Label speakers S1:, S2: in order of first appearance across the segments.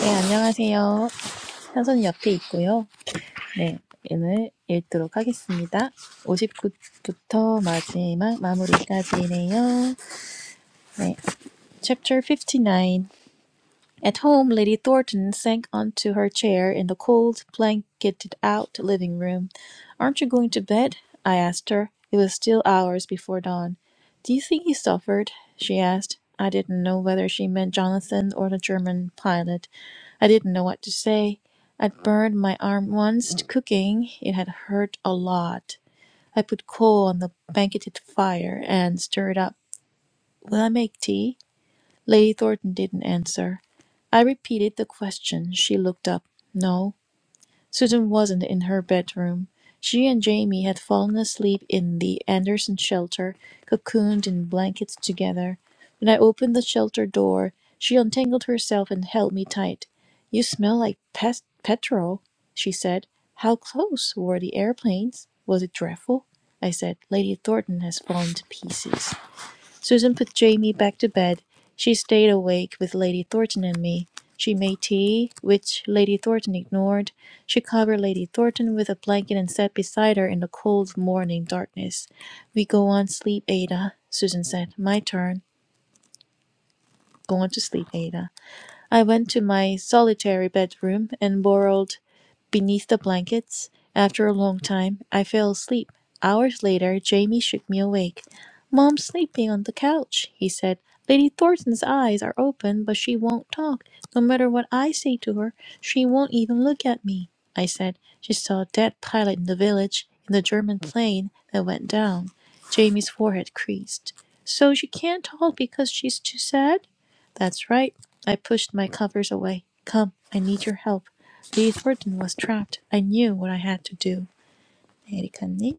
S1: 네, 안녕하세요. 현선이 옆에 있고요. 네, 오늘 읽도록 하겠습니다. 오십구부터 마지막 마무리까지네요. 네, Chapter 59 at home, Lady Thornton sank onto her chair in the cold, blanketed out living room. Aren't you going to bed? I asked her. It was still hours before dawn. Do you think he suffered? she asked. I didn't know whether she meant Jonathan or the German pilot. I didn't know what to say. I'd burned my arm once cooking. It had hurt a lot. I put coal on the blanketed fire and stirred up. Will I make tea? Lady Thornton didn't answer. I repeated the question. She looked up. No, Susan wasn't in her bedroom. She and Jamie had fallen asleep in the Anderson shelter, cocooned in blankets together. When I opened the shelter door, she untangled herself and held me tight. You smell like pest petrol, she said. How close were the airplanes? Was it dreadful? I said, Lady Thornton has fallen to pieces. Susan put Jamie back to bed. She stayed awake with Lady Thornton and me. She made tea, which Lady Thornton ignored. She covered Lady Thornton with a blanket and sat beside her in the cold morning darkness. We go on sleep, Ada, Susan said. My turn. Go on to sleep, Ada. I went to my solitary bedroom and burrowed beneath the blankets. After a long time, I fell asleep. Hours later, Jamie shook me awake. Mom's sleeping on the couch, he said. Lady Thornton's eyes are open, but she won't talk. No matter what I say to her, she won't even look at me. I said, She saw a dead pilot in the village, in the German plane that went down. Jamie's forehead creased. So she can't talk because she's too sad? That's right. I pushed my covers away. Come, I need your help. Lee Thornton was trapped. I knew what I had to do. 에리카님?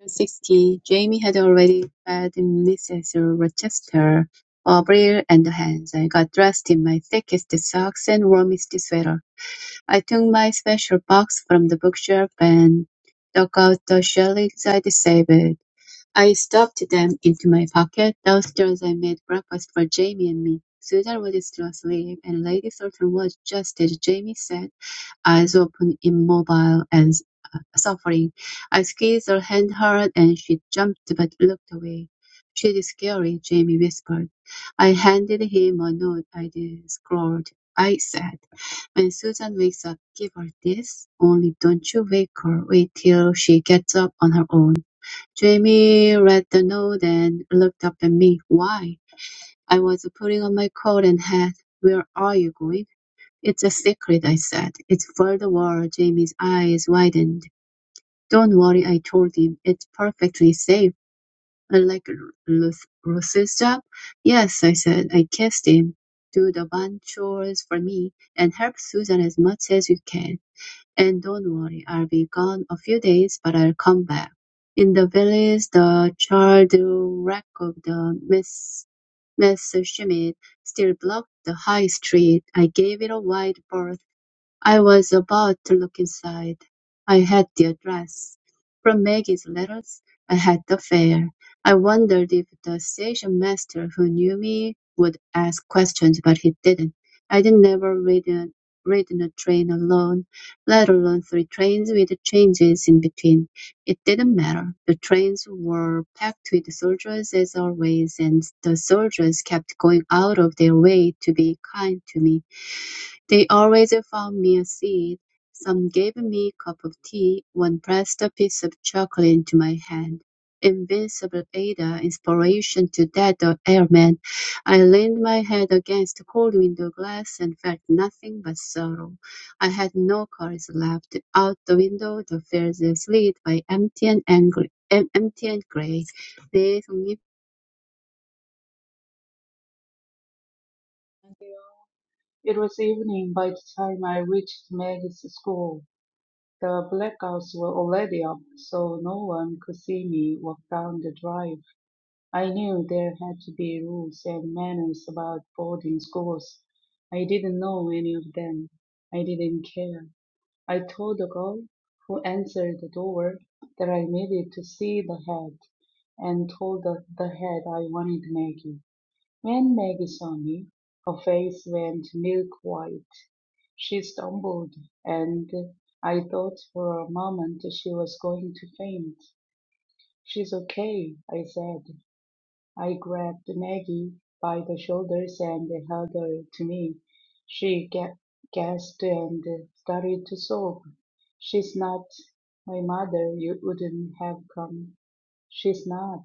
S2: In 1660, Jamie had already fed Mrs. Rochester, Avril and hands. I got dressed in my thickest socks and warmest sweater. I took my special box from the bookshelf and took out the shillings I'd saved. I stuffed them into my pocket. Downstairs I made breakfast for Jamie and me. Susan was still asleep, and Lady Thornton was, just as Jamie said, eyes open, immobile, and suffering. I squeezed her hand hard and she jumped but looked away. She's scary, Jamie whispered. I handed him a note I'd scrawled. I said, when Susan wakes up, give her this. Only don't you wake her. Wait till she gets up on her own. Jamie read the note and looked up at me. Why? I was putting on my coat and hat. Where are you going? It's a secret, I said. It's for the war. Jamie's eyes widened. Don't worry, I told him. It's perfectly safe. Unlike Ruth, Ruth's job? Yes, I said. I kissed him. Do the barn chores for me and help Susan as much as you can. And don't worry, I'll be gone a few days, but I'll come back. In the village, the charred wreck of the Miss, Messerschmitt still blocked the high street. I gave it a wide berth I was about to look inside. I had the address. From Maggie's letters, I had the fare. I wondered if the station master who knew me would ask questions, but he didn't. I did never read a, read in a train alone, let alone three trains with changes in between. It didn't matter. The trains were packed with soldiers as always, and the soldiers kept going out of their way to be kind to me. They always found me a seat; some gave me a cup of tea; one pressed a piece of chocolate into my hand. Invincible Ada, inspiration to that ailment, I leaned my head against the cold window glass and felt nothing but sorrow. I had no courage left. Out the window the fields slid by empty and angry, em- empty and grey.
S3: It was evening by the time I reached Maggie's school. The blackouts were already up, so no one could see me walk down the drive. I knew there had to be rules and manners about boarding schools. I didn't know any of them. I didn't care. I told the girl who answered the door that I needed to see the head and told the, the head I wanted Maggie. When Maggie saw me, her face went milk-white. She stumbled, and I thought for a moment she was going to faint. "She's okay," I said. I grabbed Maggie by the shoulders and held her to me. She ga- gasped and started to sob. "She's not. My mother, you wouldn't have come. She's not.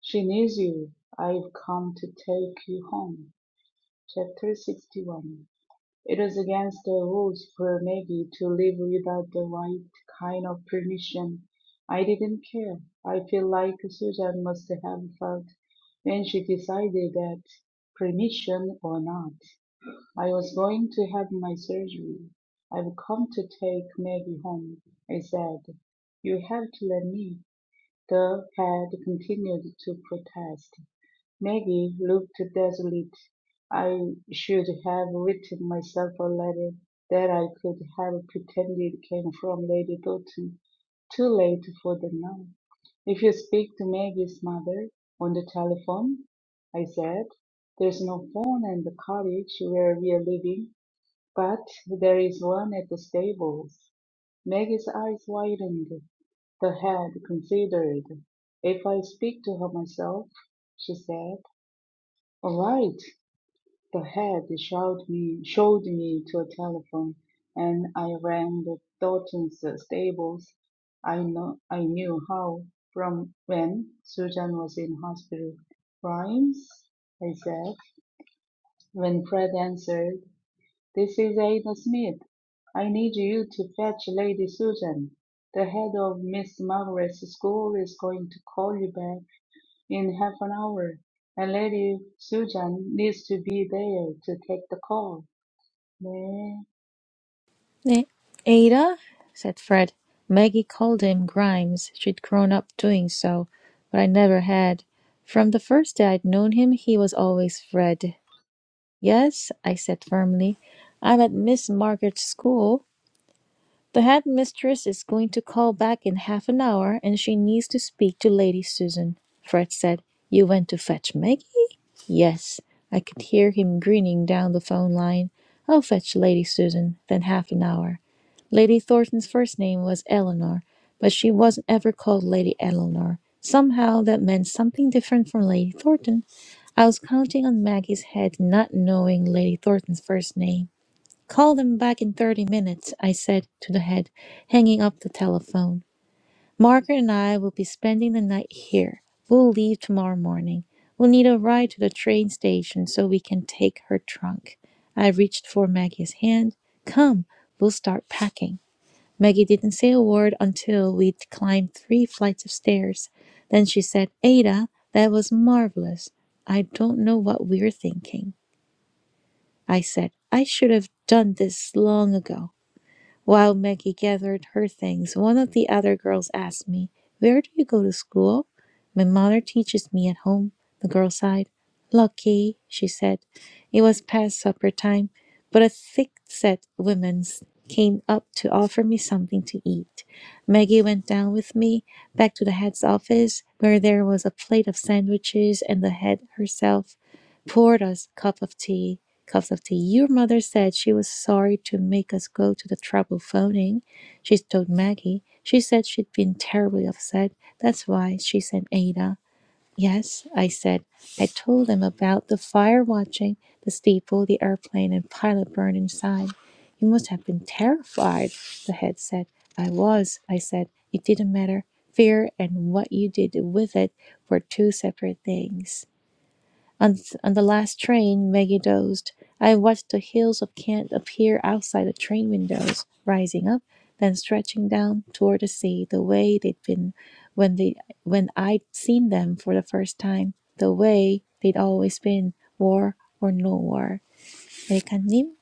S3: She needs you. I've come to take you home." Chapter 61 It was against the rules for Maggie to live without the right kind of permission. I didn't care. I feel like Susan must have felt when she decided that, permission or not, I was going to have my surgery. I've come to take Maggie home, I said. You have to let me. The head continued to protest. Maggie looked desolate. I should have written myself a letter that I could have pretended came from Lady Doughton. Too late for them now. If you speak to Maggie's mother on the telephone, I said, there's no phone in the cottage where we are living, but there is one at the stables. Maggie's eyes widened, the head considered. If I speak to her myself, she said. All right. the head showed me showed me to a telephone, and I rang the Dalton's stables. I know I knew how from when Susan was in hospital. Grimes, I said, when Fred answered, "This is Ada Smith. I need you to fetch Lady Susan. The head of Miss Margaret's school is going to call you back. In half an hour, and Lady Susan needs to be there to take the call. 네.
S1: 네. Ada? said Fred. Maggie called him Grimes. She'd grown up doing so, but I never had. From the first day I'd known him, he was always Fred. Yes, I said firmly. I'm at Miss Margaret's school. The headmistress is going to call back in half an hour, and she needs to speak to Lady Susan. Fred said, You went to fetch Maggie? Yes. I could hear him grinning down the phone line. I'll fetch Lady Susan, then half an hour. Lady Thornton's first name was Eleanor, but she wasn't ever called Lady Eleanor. Somehow that meant something different from Lady Thornton. I was counting on Maggie's head, not knowing Lady Thornton's first name. Call them back in thirty minutes, I said to the head, hanging up the telephone. Margaret and I will be spending the night here. We'll leave tomorrow morning. We'll need a ride to the train station so we can take her trunk. I reached for Maggie's hand. Come, we'll start packing. Maggie didn't say a word until we'd climbed three flights of stairs. Then she said, Ada, that was marvelous. I don't know what we're thinking. I said, I should have done this long ago. While Maggie gathered her things, one of the other girls asked me, Where do you go to school? My mother teaches me at home, the girl sighed. Lucky, she said. It was past supper time, but a thick set woman came up to offer me something to eat. Maggie went down with me back to the head's office, where there was a plate of sandwiches and the head herself poured us cup of tea, cups of tea. Your mother said she was sorry to make us go to the trouble phoning. She told Maggie. She said she'd been terribly upset. That's why she sent Ada. Yes, I said. I told them about the fire watching, the steeple, the airplane, and pilot burned inside. You must have been terrified, the head said. I was, I said. It didn't matter. Fear and what you did with it were two separate things. On, th- on the last train, Maggie dozed. I watched the hills of Kent appear outside the train windows, rising up, then stretching down toward the sea, the way they'd been when they when I'd seen them for the first time, the way they'd always been, war or no war. 메리카님?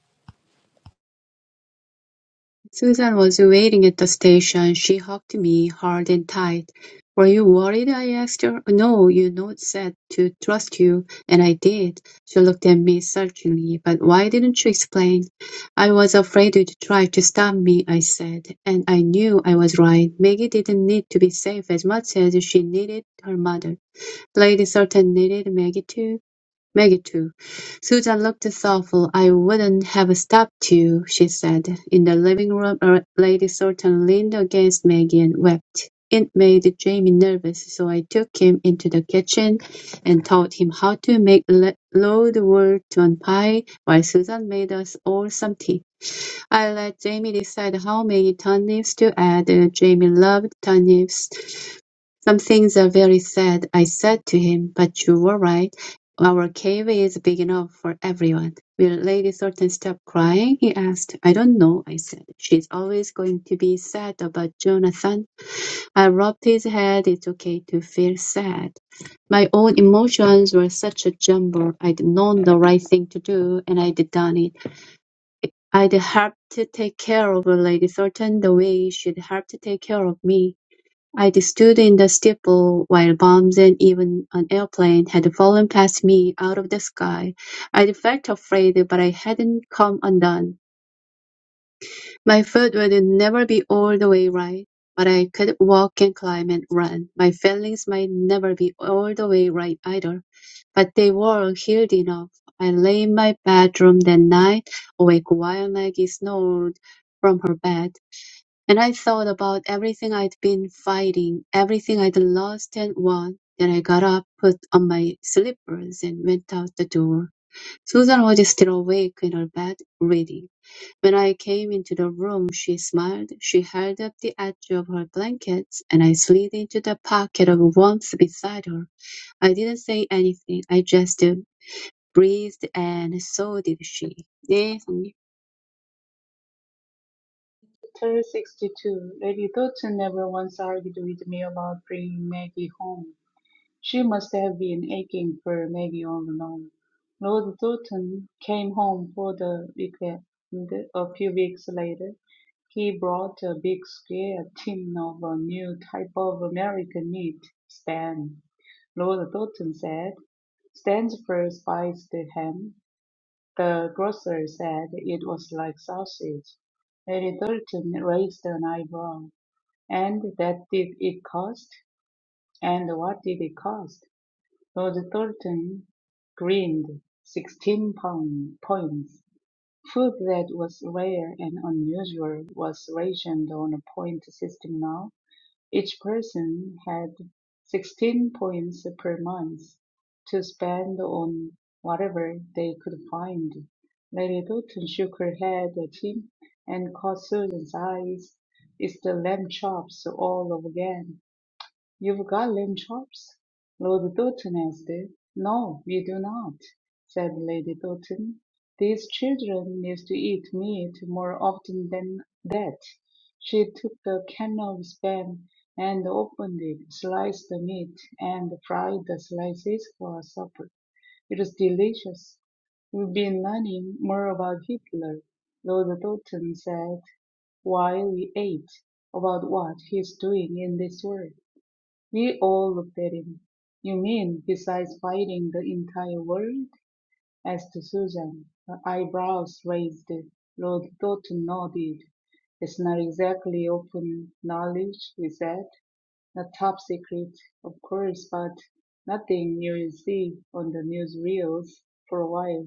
S2: Susan was waiting at the station. She hugged me hard and tight. "Were you worried?" I asked her. "No. You know it said to trust you, and I did." She looked at me searchingly. "But why didn't you explain?" "I was afraid you'd try to stop me," I said. And I knew I was right. Maggie didn't need to be safe as much as she needed her mother. Lady Salton needed Maggie too. Maggie too. Susan looked thoughtful. I wouldn't have stopped you, she said. In the living room, uh, Lady Thornton leaned against Maggie and wept. It made Jamie nervous, so I took him into the kitchen and taught him how to make le- load wort-on pie while Susan made us all some tea. I let Jamie decide how many turnips to add. Jamie loved turnips some things are very sad, I said to him, but you were right. Our cave is big enough for everyone. Will Lady Thornton stop crying? he asked. I don't know, I said. She's always going to be sad about Jonathan. I rubbed his head. It's okay to feel sad. My own emotions were such a jumble. I'd known the right thing to do, and I'd done it. I'd helped to take care of Lady Thornton the way she'd helped to take care of me. I'd stood in the steeple while bombs and even an airplane had fallen past me out of the sky. I'd felt afraid, but I hadn't come undone. My foot would never be all the way right, but I could walk and climb and run. My feelings might never be all the way right either, but they were healed enough. I lay in my bedroom that night, awake while Maggie snored from her bed. And I thought about everything I'd been fighting, everything I'd lost and won. Then I got up, put on my slippers, and went out the door. Susan was still awake in her bed, reading. When I came into the room, she smiled. She held up the edge of her blankets, and I slid into the pocket of warmth beside her. I didn't say anything. I just uh, breathed, and so did she. 네, 성님.
S3: Chapter 62. Lady Doughton never once argued with me about bringing Maggie home. She must have been aching for Maggie all along. Lord Doughton came home for the weekend a few weeks later. He brought a big square tin of a new type of American meat, spam. Lord Doughton said. Stansford spied him; the grocer said it was like sausage. Mary Thornton raised an eyebrow. And that did it cost? And what did it cost? Lord Thornton grinned. Sixteen pound points. Food that was rare and unusual was rationed on a point system now. Each person had sixteen points per month to spend on whatever they could find. Lady Doughton shook her head at him and caught Susan's eyes is the lamb chops all over again. "You've got lamb chops?" Lord Doughton asked. "No, we do not," said Lady Doughton. "These children need to eat meat more often than that." She took a can of spam and opened it, sliced the meat, and fried the slices for supper. It was delicious. We've been learning more about Hitler, Lord Doughton said while we ate, about what he's doing in this world. We all looked at him. You mean besides fighting the entire world? asked Susan, her eyebrows raised. Lord Thornton nodded. It's not exactly open knowledge, he said. Not top secret, of course, but nothing you'll see on the newsreels for a while.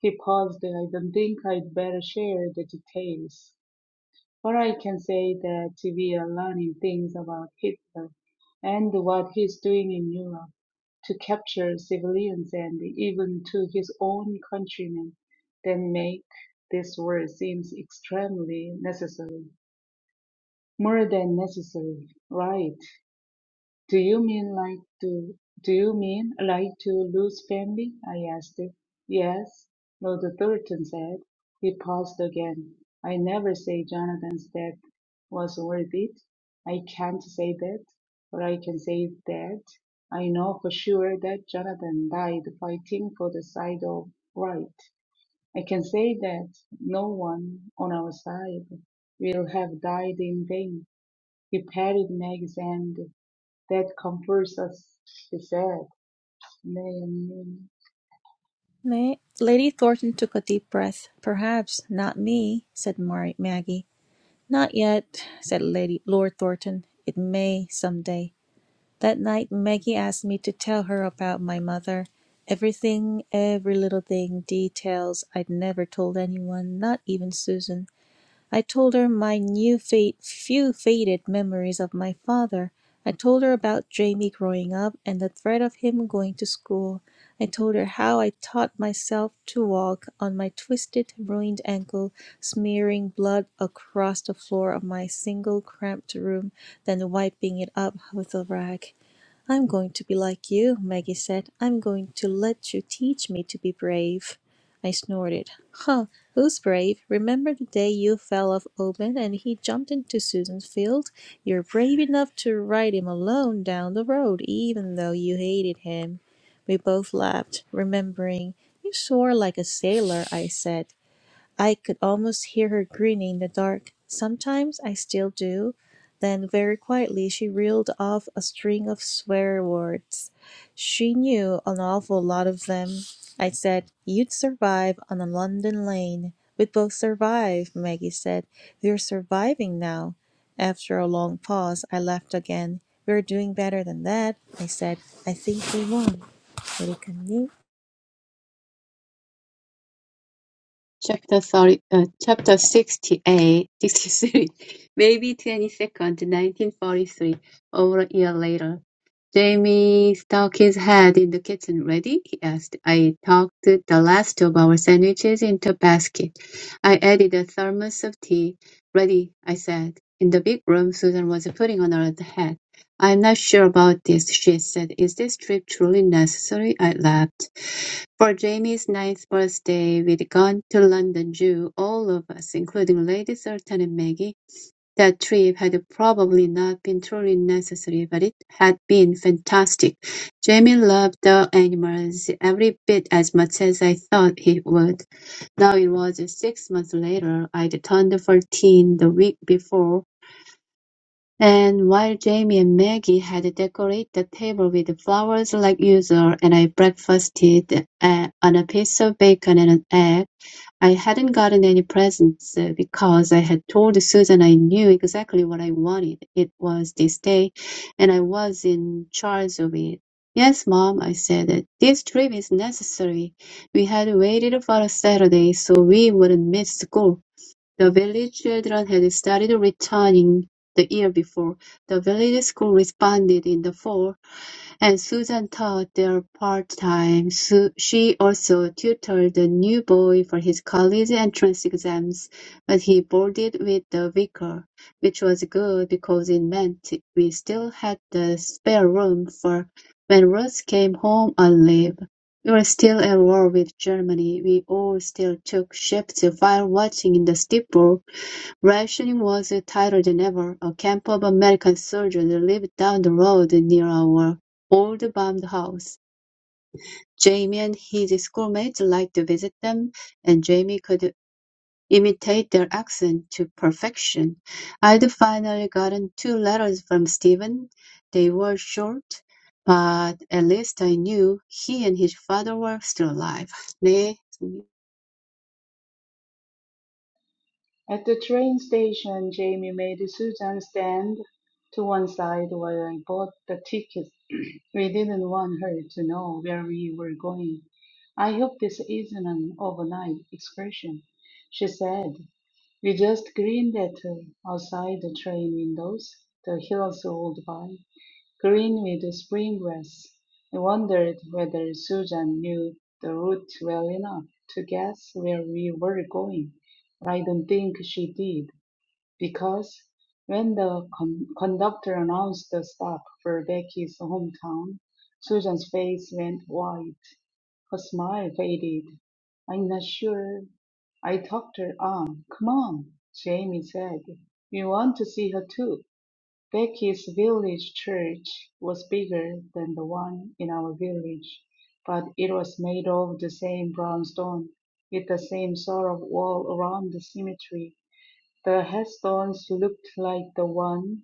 S3: He paused. I don't think I'd better share the details. Or I can say that we are learning things about Hitler and what he's doing in Europe to capture civilians and even to his own countrymen that make this war seems extremely necessary. More than necessary, right? Do you mean like to do you mean like to lose family? I asked. Yes, Lord Thornton said. He paused again. I never say Jonathan's death was worth it. I can't say that, but I can say that I know for sure that Jonathan died fighting for the side of right. I can say that no one on our side will have died in vain. He patted Meg's hand that comforts us, he said. Name.
S1: Ma- Lady Thornton took a deep breath. Perhaps not me, said Mar- Maggie. Not yet, said Lady Lord Thornton. It may some day." That night, Maggie asked me to tell her about my mother. Everything, every little thing, details I'd never told anyone, not even Susan. I told her my new fate, few faded memories of my father. I told her about Jamie growing up and the threat of him going to school. I told her how I taught myself to walk on my twisted, ruined ankle, smearing blood across the floor of my single cramped room, then wiping it up with a rag. I'm going to be like you, Maggie said. I'm going to let you teach me to be brave. I snorted. Huh, who's brave? Remember the day you fell off Open and he jumped into Susan's field? You're brave enough to ride him alone down the road, even though you hated him. We both laughed, remembering. You swore like a sailor, I said. I could almost hear her grinning in the dark sometimes I still do then very quietly she reeled off a string of swear words. She knew an awful lot of them. I said, You'd survive on a London lane. We'd both survive, Maggie said. We're surviving now. After a long pause, I laughed again. We're doing better than that, I said. I think we won. 우리
S2: Chapter 30, uh, chapter 68, 63. maybe 22nd, 1943, over a year later. Jamie stuck his head in the kitchen. Ready? he asked. I tucked the last of our sandwiches into a basket. I added a thermos of tea. Ready, I said. In the big room, Susan was putting on her hat. I'm not sure about this, she said. Is this trip truly necessary? I laughed. For Jamie's ninth birthday we'd gone to London Zoo, all of us, including Lady Salton and Maggie. That trip had probably not been truly necessary, but it had been fantastic. Jamie loved the animals every bit as much as I thought he would. Now it was six months later. I'd turned fourteen the week before, and while Jamie and Maggie had decorated the table with flowers like usual, and I breakfasted uh, on a piece of bacon and an egg, I hadn't gotten any presents uh, because I had told Susan I knew exactly what I wanted. It was this day, and I was in charge of it. Yes, Mom, I said, this trip is necessary. We had waited for a Saturday so we wouldn't miss school. The village children had started returning the year before; the village school responded in the fall and Susan taught there part-time; Su- she also tutored the new boy for his college entrance exams, but he boarded with the vicar, which was good because it meant we still had the spare room, for when Ruth came home on leave, we were still at war with Germany. We all still took shifts fire watching in the steeple. Rationing was tighter than ever. A camp of American soldiers lived down the road near our old bombed house. Jamie and his schoolmates liked to visit them, and Jamie could imitate their accent to perfection. I'd finally gotten two letters from Stephen. They were short, but at least I knew he and his father were still alive. 네,
S3: At the train station, Jamie made Susan stand to one side while I bought the tickets. we didn't want her to know where we were going. I hope this isn't an overnight excursion, she said. We just grinned at her outside the train windows. The hills rolled by. Green with spring grass. I wondered whether Susan knew the route well enough to guess where we were going, but I don't think she did, because when the con- conductor announced the stop for Becky's hometown, Susan's face went white. Her smile faded. I'm not sure. I tugged her arm. Come on, Jamie said. We want to see her too. Becky's village church was bigger than the one in our village, but it was made of the same brown stone, with the same sort of wall around the cemetery. The headstones looked like the ones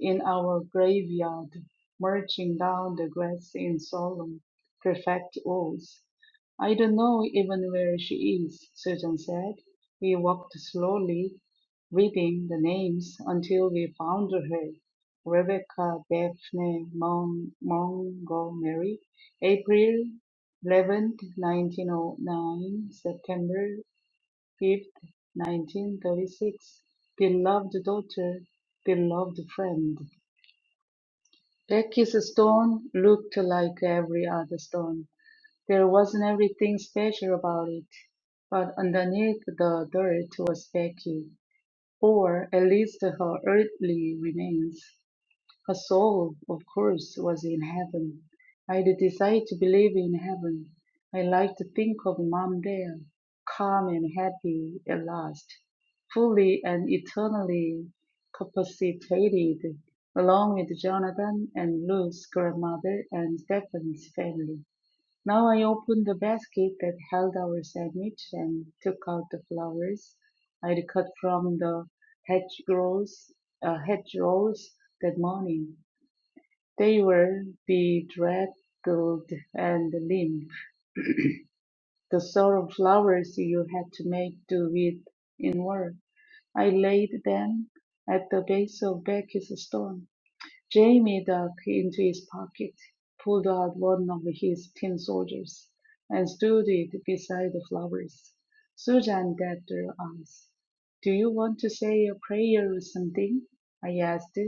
S3: in our graveyard, marching down the grass in solemn, perfect rows. I don't know even where she is, Susan said. We walked slowly, reading the names until we found her. Rebecca Daphne Mon- Montgomery, April eleventh, nineteen 1909, September 5th, 1936. Beloved daughter, beloved friend. Becky's stone looked like every other stone. There wasn't anything special about it, but underneath the dirt was Becky, or at least her earthly remains. Her soul, of course, was in heaven. I had a desire to believe in heaven. I liked to think of mom there, calm and happy at last, fully and eternally capacitated, along with Jonathan and Luke's grandmother and Stephen's family. Now I opened the basket that held our sandwich and took out the flowers I'd cut from the hedgerows, uh, hedgerows that morning. They were bedraggled and limp, the sort of flowers you had to make do with in work. I laid them at the base of Becky's stone. Jay made a key into his pocket, pulled out one of his tin soldiers, and stood it beside the flowers. Susan dabbed her eyes. Do you want to say a prayer or something? I asked.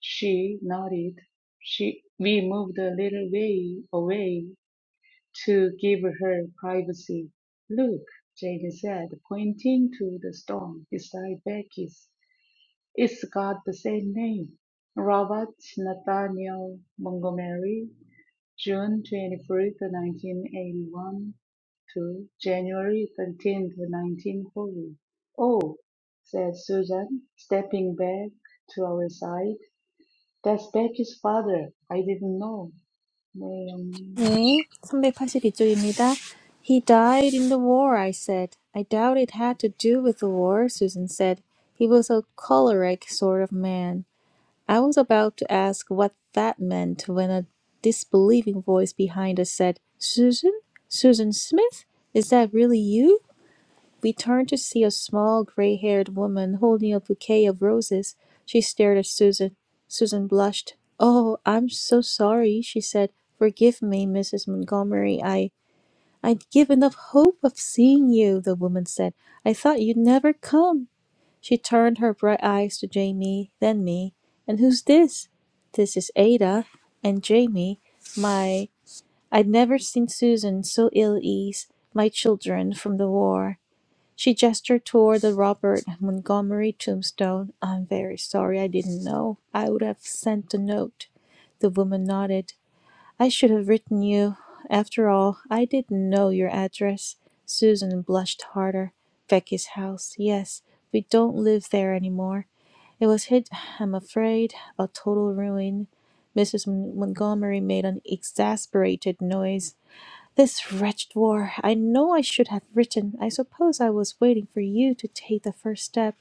S3: She nodded. She, we moved a little way away to give her privacy. Look, Jane said, pointing to the stone beside Becky's. It's got the same name. Robert Nathaniel Montgomery, June 23, 1981 to January 13, 1940. Oh, said Susan, stepping back to our side. That's Becky's father. I didn't know. 네, 영님.
S1: 네, 382쪽입니다. He died in the war, I said. I doubt it had to do with the war, Susan said. He was a choleric sort of man. I was about to ask what that meant when a disbelieving voice behind us said, Susan? Susan Smith? Is that really you? We turned to see a small, gray-haired woman holding a bouquet of roses. She stared at Susan. Susan blushed. "Oh, I'm so sorry," she said. "Forgive me, Mrs. Montgomery. I I'd given up hope of seeing you," the woman said. "I thought you'd never come." She turned her bright eyes to Jamie, then me. "And who's this?" "This is Ada and Jamie, my I'd never seen Susan so ill at ease, my children from the war. She gestured toward the Robert Montgomery tombstone. I'm very sorry I didn't know. I would have sent a note. The woman nodded. I should have written you. After all, I didn't know your address. Susan blushed harder. Becky's house, yes. We don't live there any more. It was hit, I'm afraid, a total ruin. Mrs. Montgomery made an exasperated noise. This wretched war. I know I should have written. I suppose I was waiting for you to take the first step.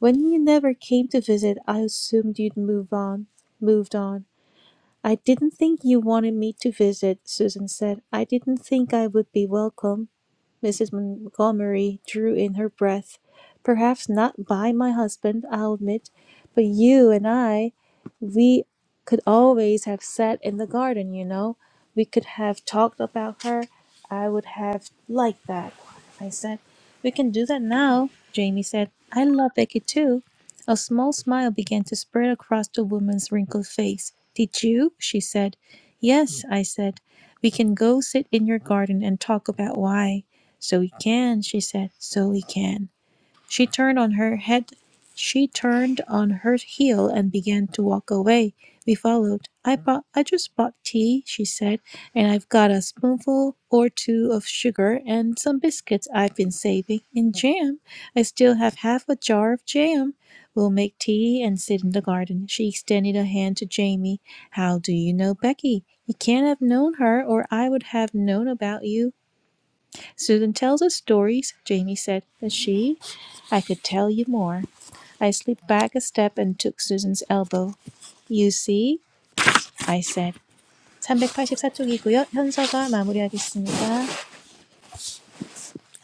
S1: When you never came to visit, I assumed you'd move on. Moved on. I didn't think you wanted me to visit, Susan said. I didn't think I would be welcome. Mrs. Montgomery drew in her breath. Perhaps not by my husband, I'll admit, but you and I we could always have sat in the garden, you know. We could have talked about her. I would have liked that. I said, We can do that now, Jamie said. I love Becky too. A small smile began to spread across the woman's wrinkled face. Did you? she said. Yes, I said. We can go sit in your garden and talk about why. So we can, she said. So we can. She turned on her head. She turned on her heel and began to walk away. We followed. I bought. I just bought tea, she said, and I've got a spoonful or two of sugar and some biscuits I've been saving, and jam. I still have half a jar of jam. We'll make tea and sit in the garden. She extended a hand to Jamie. How do you know Becky? You can't have known her, or I would have known about you. Susan tells us stories, Jamie said, but she? I could tell you more. I slipped back a step and took Susan's elbow. You see? I said. 384쪽이고요. 현서가 마무리하겠습니다.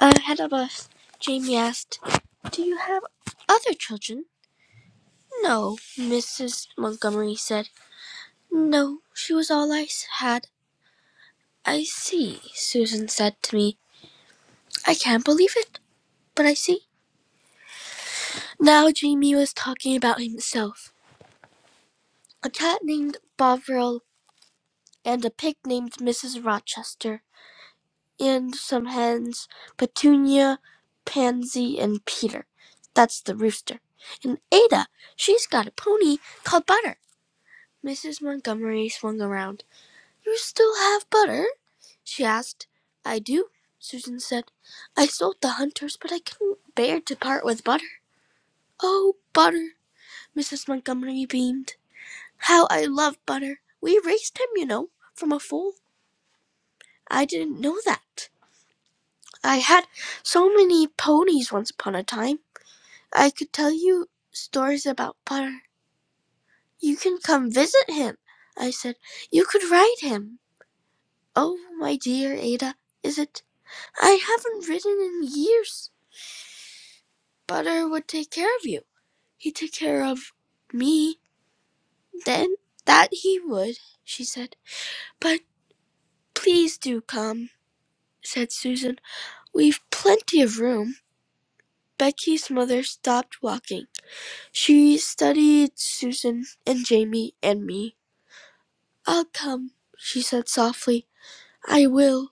S1: Ahead of us, Jamie asked, Do you have other children? No, Mrs. Montgomery said. No, she was all I had. I see, Susan said to me. I can't believe it, but I see. Now Jamie was talking about himself. a cat named Bovril, and a pig named Mrs. Rochester, and some hens, Petunia, Pansy, and Peter. That's the rooster. And Ada, she's got a pony called Butter. Mrs. Montgomery swung around. You still have Butter? she asked. I do, Susan said. I sold the hunters, but I couldn't bear to part with Butter. Oh, Butter, Mrs. Montgomery beamed. How I love Butter. We raised him, you know, from a foal. I didn't know that. I had so many ponies once upon a time. I could tell you stories about Butter. You can come visit him, I said. You could ride him. Oh, my dear Ada, is it? I haven't ridden in years. Butter would take care of you. He took care of me. Then that he would, she said. But please do come, said Susan. We've plenty of room. Becky's mother stopped walking. She studied Susan and Jamie and me. I'll come, she said softly. I will.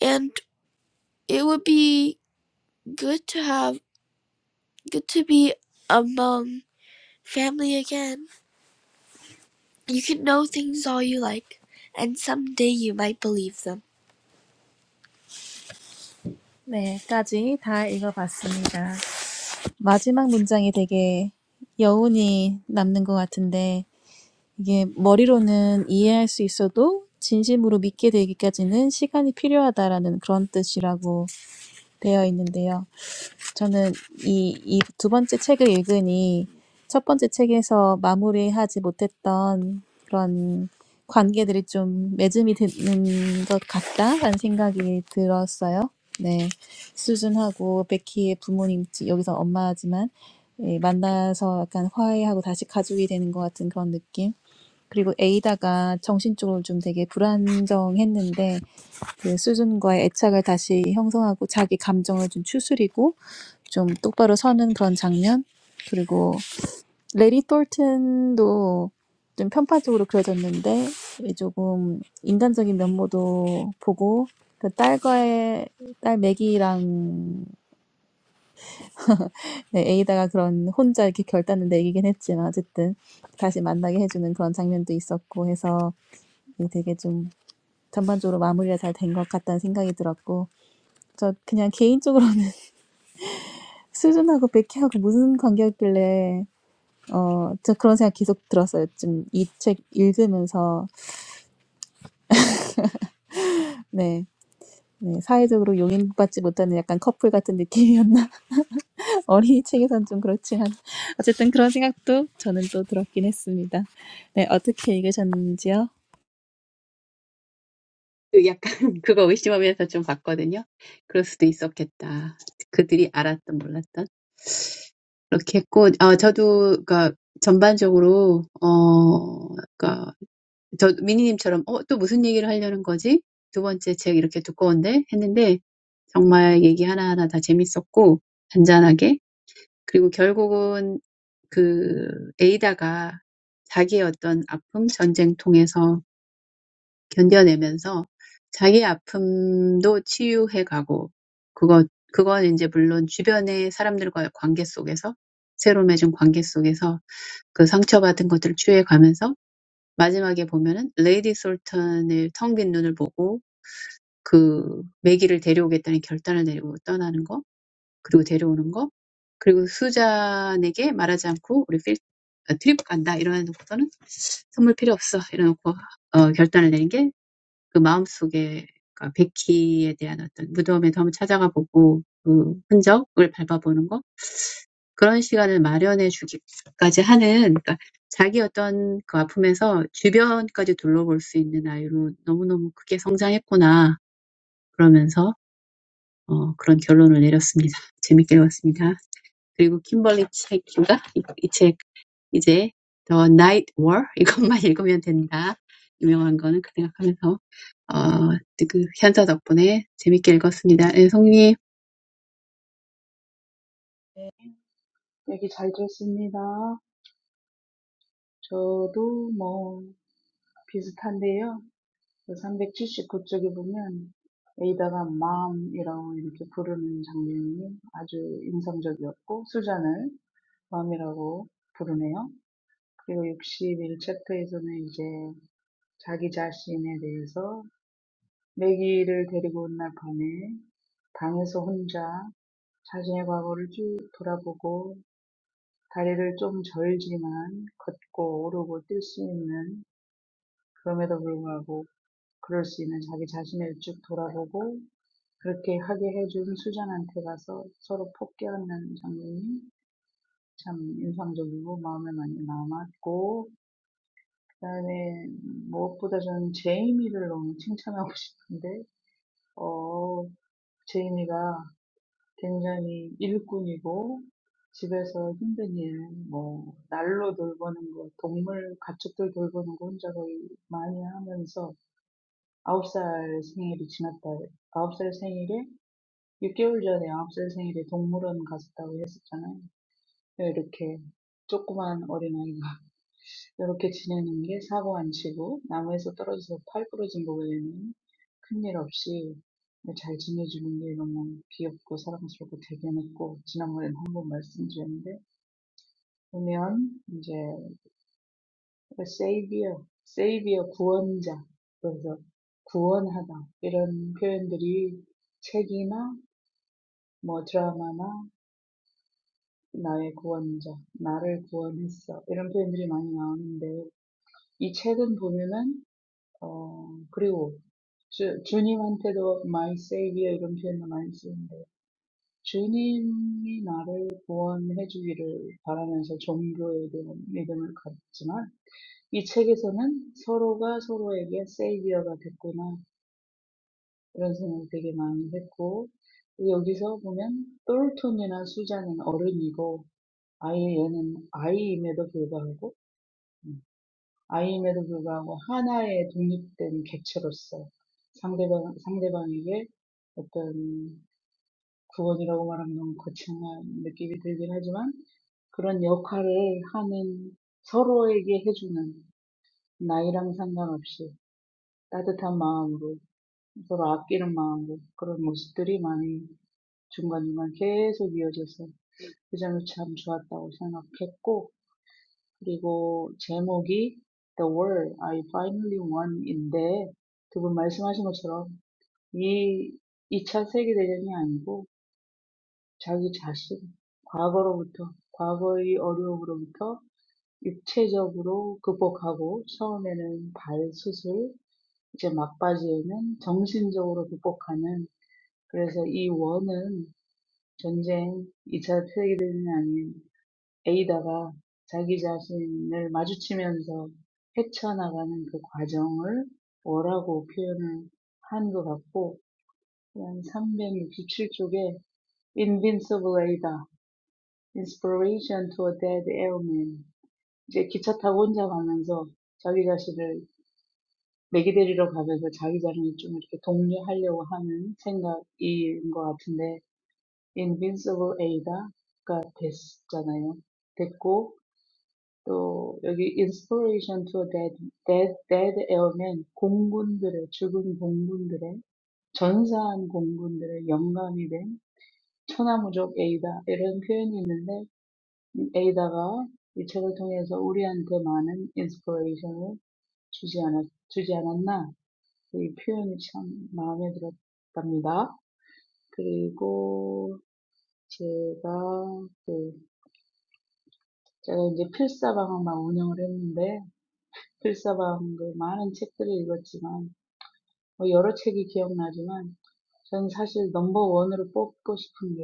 S1: And it would be good to have good to be among family again. You can know things all you like, and someday you might believe them. 네까지 다 읽어봤습니다. 마지막 문장이 되게 여운이 남는 것 같은데 이게 머리로는 이해할 수 있어도 진심으로 믿게 되기까지는 시간이 필요하다라는 그런 뜻이라고 되어 있는데요. 저는 이, 이 두 번째 책을 읽으니 첫 번째 책에서 마무리하지 못했던 그런 관계들이 좀 매듭이 되는 것 같다라는 생각이 들었어요. 네. 수준하고 베키의 부모님, 여기서 엄마지만 예, 만나서 약간 화해하고 다시 가족이 되는 것 같은 그런 느낌. 그리고 에이다가 정신적으로 좀 되게 불안정했는데 그 수준과의 애착을 다시 형성하고 자기 감정을 좀 추스리고 좀 똑바로 서는 그런 장면 그리고 레리 톨튼도 좀 편파적으로 그려졌는데 조금 인간적인 면모도 보고 그 딸과의 딸 맥이랑 네, 에이다가 그런 혼자 이렇게 결단을 내리긴 했지만 어쨌든 다시 만나게 해주는 그런 장면도 있었고 해서 되게 좀 전반적으로 마무리가 잘 된 것 같다는 생각이 들었고 저 그냥 개인적으로 수준하고 백희하고 무슨 관계였길래 어, 저 그런 생각 계속 들었어요. 좀 이 책 읽으면서 네, 네, 사회적으로 용인받지 못하는 약간 커플 같은 느낌이었나? 어린이 책에선 좀 그렇지만 어쨌든 그런 생각도 저는 또 들었긴 했습니다. 네, 어떻게 읽으셨는지요?
S2: 그 약간 그거 의심하면서 좀 봤거든요. 그럴 수도 있었겠다. 그들이 알았던, 몰랐던. 그렇게 했고, 아, 저도, 그니까, 전반적으로, 어, 그니까, 저 미니님처럼, 어, 또 무슨 얘기를 하려는 거지? 두 번째 책 이렇게 두꺼운데? 했는데, 정말 얘기 하나하나 다 재밌었고, 잔잔하게. 그리고 결국은 그 에이다가 자기의 어떤 아픔, 전쟁 통해서 견뎌내면서 자기 아픔도 치유해 가고 그거 그건 이제 물론 주변의 사람들과의 관계 속에서 새로 맺은 관계 속에서 그 상처받은 것들을 치유해 가면서 마지막에 보면은 레이디 솔턴의 텅빈 눈을 보고 그 매기를 데려오겠다는 결단을 내리고 떠나는 거 그리고 데려오는 거 그리고 수잔에게 말하지 않고 우리 필 아, 트립 간다 이러놓고서는 선물 필요 없어 이래놓고 어, 결단을 내린 게 그 마음속에 그러니까 베키에 대한 어떤 무덤에 한번 찾아가 보고 그 흔적을 밟아보는 거 그런 시간을 마련해 주기까지 하는 그러니까 자기 어떤 그 아픔에서 주변까지 둘러볼 수 있는 아이로 너무너무 크게 성장했구나 그러면서 어, 그런 결론을 내렸습니다. 재밌게 읽었습니다. 그리고 킴벌리 책인가? 이이책 이제 The Night War 이것만 읽으면 된다. 유명한 거는 그 생각하면서 어, 그 현자 덕분에 재밌게 읽었습니다. 예, 송님,
S3: 얘기 잘 들었습니다. 저도 뭐 비슷한데요. 그379 쪽에 보면 에이다가 마음이라고 이렇게 부르는 장면이 아주 인상적이었고 수잔을 마음이라고 부르네요. 그리고 61 챕터에서는 이제 자기 자신에 대해서 매기를 데리고 온 날 밤에 방에서 혼자 자신의 과거를 쭉 돌아보고 다리를 좀 절지만 걷고 오르고 뛸 수 있는 그럼에도 불구하고 그럴 수 있는 자기 자신을 쭉 돌아보고 그렇게 하게 해준 수잔한테 가서 서로 폭격하는 장면이 참 인상적이고 마음에 많이 남았고 그다음에 무엇보다 저는 제이미를 너무 칭찬하고 싶은데 어 제이미가 굉장히 일꾼이고 집에서 힘든 일, 뭐 날로 돌보는 거, 동물 가축들 돌보는 거 혼자 거의 많이 하면서 아홉 살 생일이 지났다. 아홉 살 생일에 6개월 전에 9살 생일에 동물원 갔었다고 했었잖아요. 이렇게 조그만 어린아이가 이렇게 지내는 게 사고 안 치고 나무에서 떨어져서 팔 부러진 거 외에는 큰일 없이 잘 지내주는 게 너무 귀엽고 사랑스럽고 대견했고 지난번에는 한번 말씀드렸는데 보면 이제 세이비어, 세이비어 구원자 그래서 구원하다 이런 표현들이 책이나 뭐 드라마나 나의 구원자, 나를 구원했어. 이런 표현들이 많이 나오는데, 이 책은 보면은, 어, 그리고 주, 주님한테도 my savior 이런 표현도 많이 쓰는데, 주님이 나를 구원해 주기를 바라면서 종교에 대한 믿음을 갖지만, 이 책에서는 서로가 서로에게 savior가 됐구나, 이런 생각을 되게 많이 했고, 여기서 보면, 똘톤이나 수잔은 어른이고, 아이에는 아이임에도 불구하고 음, 아이임에도 불구하고 하나의 독립된 객체로서 상대방 상대방에게 어떤 구원이라고 말하면 너무 거창한 느낌이 들긴 하지만 그런 역할을 하는 서로에게 해주는 나이랑 상관없이 따뜻한 마음으로 서로 아끼는 마음으로 그런 모습들이 많이 중간중간 계속 이어져서 그 점이 참 좋았다고 생각했고 그리고 제목이 The War I Finally Won인데 두분 말씀하신 것처럼 이 2차 세계대전이 아니고 자기 자신, 과거로부터, 과거의 어려움으로부터 육체적으로 극복하고 처음에는 발 수술, 이제 막바지에는 정신적으로 극복하는 그래서 이 원은 전쟁, 2차 세계대전이 아닌 에이다가 자기 자신을 마주치면서 헤쳐나가는 그 과정을 뭐라고 표현을 한 것 같고, 한 367쪽에 Invincible Ada, Inspiration to a Dead Airman. 이제 기차 타고 혼자 가면서 자기 자신을 맥이 데리러 가면서 자기 자신을 좀 이렇게 독려하려고 하는 생각인 것 같은데, Invincible Ada가 됐잖아요. 됐고, 또 여기 inspiration to dead, dead, dead airmen, 공군들의, 죽은 공군들의, 전사한 공군들의 영감이 된 천하무적 에이다 이런 표현이 있는데 이 에이다가 이 책을 통해서 우리한테 많은 inspiration을 주지 않았, 주지 않았나 이 표현이 참 마음에 들었답니다. 그리고 제가 그 제가 이제 필사방학만 운영을 했는데 필사방글 많은 책들을 읽었지만 뭐 여러 책이 기억나지만 저는 사실 넘버 원으로 뽑고 싶은 게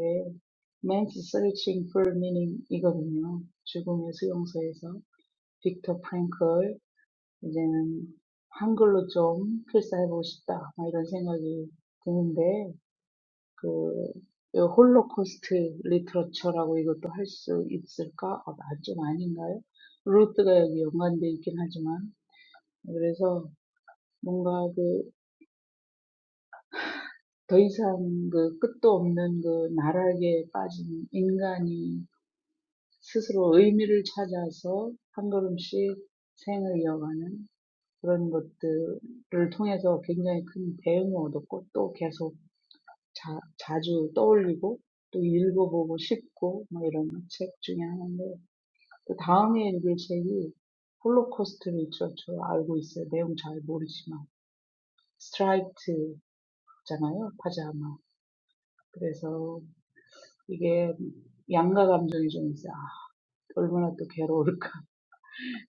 S3: Man's Searching for Meaning 이거든요 죽음의 수용소에서 빅터 프랭클 이제는 한글로 좀 필사해보고 싶다 막 이런 생각이 드는데 그 홀로코스트 리터처라고 이것도 할수 있을까? 아, 좀 아닌가요? 루트가 여기 연관돼 있긴 하지만 그래서 뭔가 그 더 이상 그 끝도 없는 그 나락에 빠진 인간이 스스로 의미를 찾아서 한 걸음씩 생을 이어가는 그런 것들을 통해서 굉장히 큰 배움을 얻었고 또 계속 자, 자주 떠올리고 또 읽어보고 싶고 뭐 이런 책 중에 하나인데 그 다음에 읽을 책이 홀로코스트 리터처 알고 있어요. 내용 잘 모르지만 스트라이트잖아요. 파자마. 그래서 이게 양가 감정이 좀 있어요. 아, 얼마나 또 괴로울까.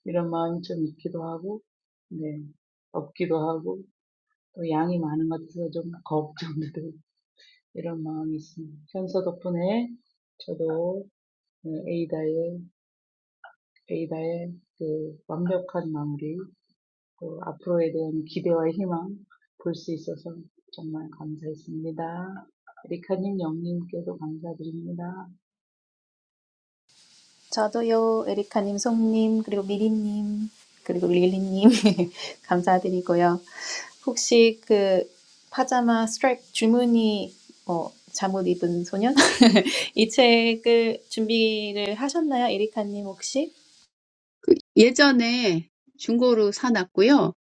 S3: 이런 마음이 좀 있기도 하고, 네, 없기도 하고, 또 양이 많은 것 같아서 좀 걱정도 되고, 이런 마음이 있습니다. 현서 덕분에 저도 네, 에이다의, 에이다의 그 완벽한 마무리, 또 앞으로에 대한 기대와 희망 볼 수 있어서 정말 감사했습니다. 리카님, 영님께도 감사드립니다.
S1: 저도요, 에리카님, 송님, 그리고 미리님, 그리고 릴리님, 감사드리고요. 혹시 그 파자마 스트라이프 줄무늬 뭐 잠옷 입은 소년? 이 책을 준비를 하셨나요? 에리카님 혹시?
S2: 그 예전에 중고로 사놨고요.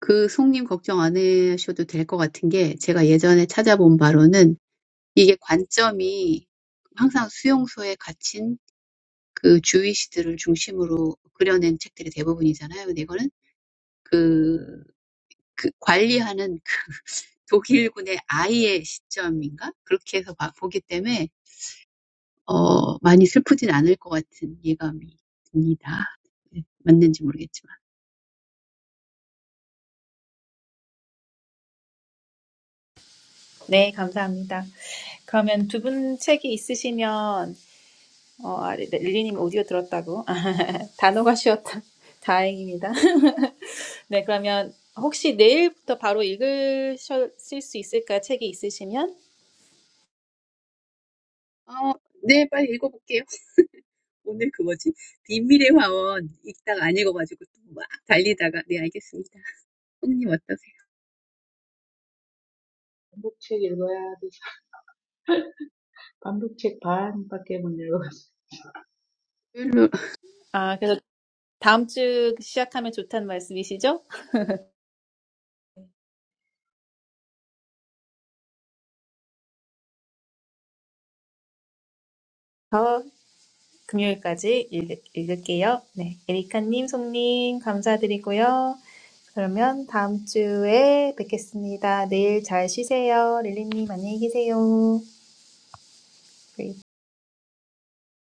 S2: 그 송님 걱정 안 하셔도 될것 같은 게 제가 예전에 찾아본 바로는 이게 관점이 항상 수용소에 갇힌 그 주의시들을 중심으로 그려낸 책들이 대부분이잖아요. 근데 이거는 그, 그 관리하는 그 독일군의 아이의 시점인가? 그렇게 해서 봐- 보기 때문에 어, 많이 슬프진 않을 것 같은 예감이 듭니다. 네, 맞는지 모르겠지만.
S1: 네, 감사합니다. 그러면 두분 책이 있으시면 어, 아, 리- 릴리님 오디오 들었다고 아, 단어가 쉬었다. 다행입니다. 네, 그러면 혹시 내일부터 바로 읽으실 수 있을까? 책이 있으시면?
S2: 어, 네, 빨리 읽어볼게요. 오늘 그 뭐지? 비밀의 화원 읽다가 안 읽어가지고 또막 달리다가. 네, 알겠습니다. 형님 어떠세요?
S3: 꼭책 읽어야 돼서. Pamdo check pan, pake muno us.
S1: 아, 그래서 다음 주 시작하면 좋다는 말씀이시죠? 금요일까지 읽, 읽을게요. 네, 에리카님, 송님 감사드리고요. 그러면 다음 주에 뵙겠습니다. 내일 잘 쉬세요. 릴리님 안녕히 계세요. 네.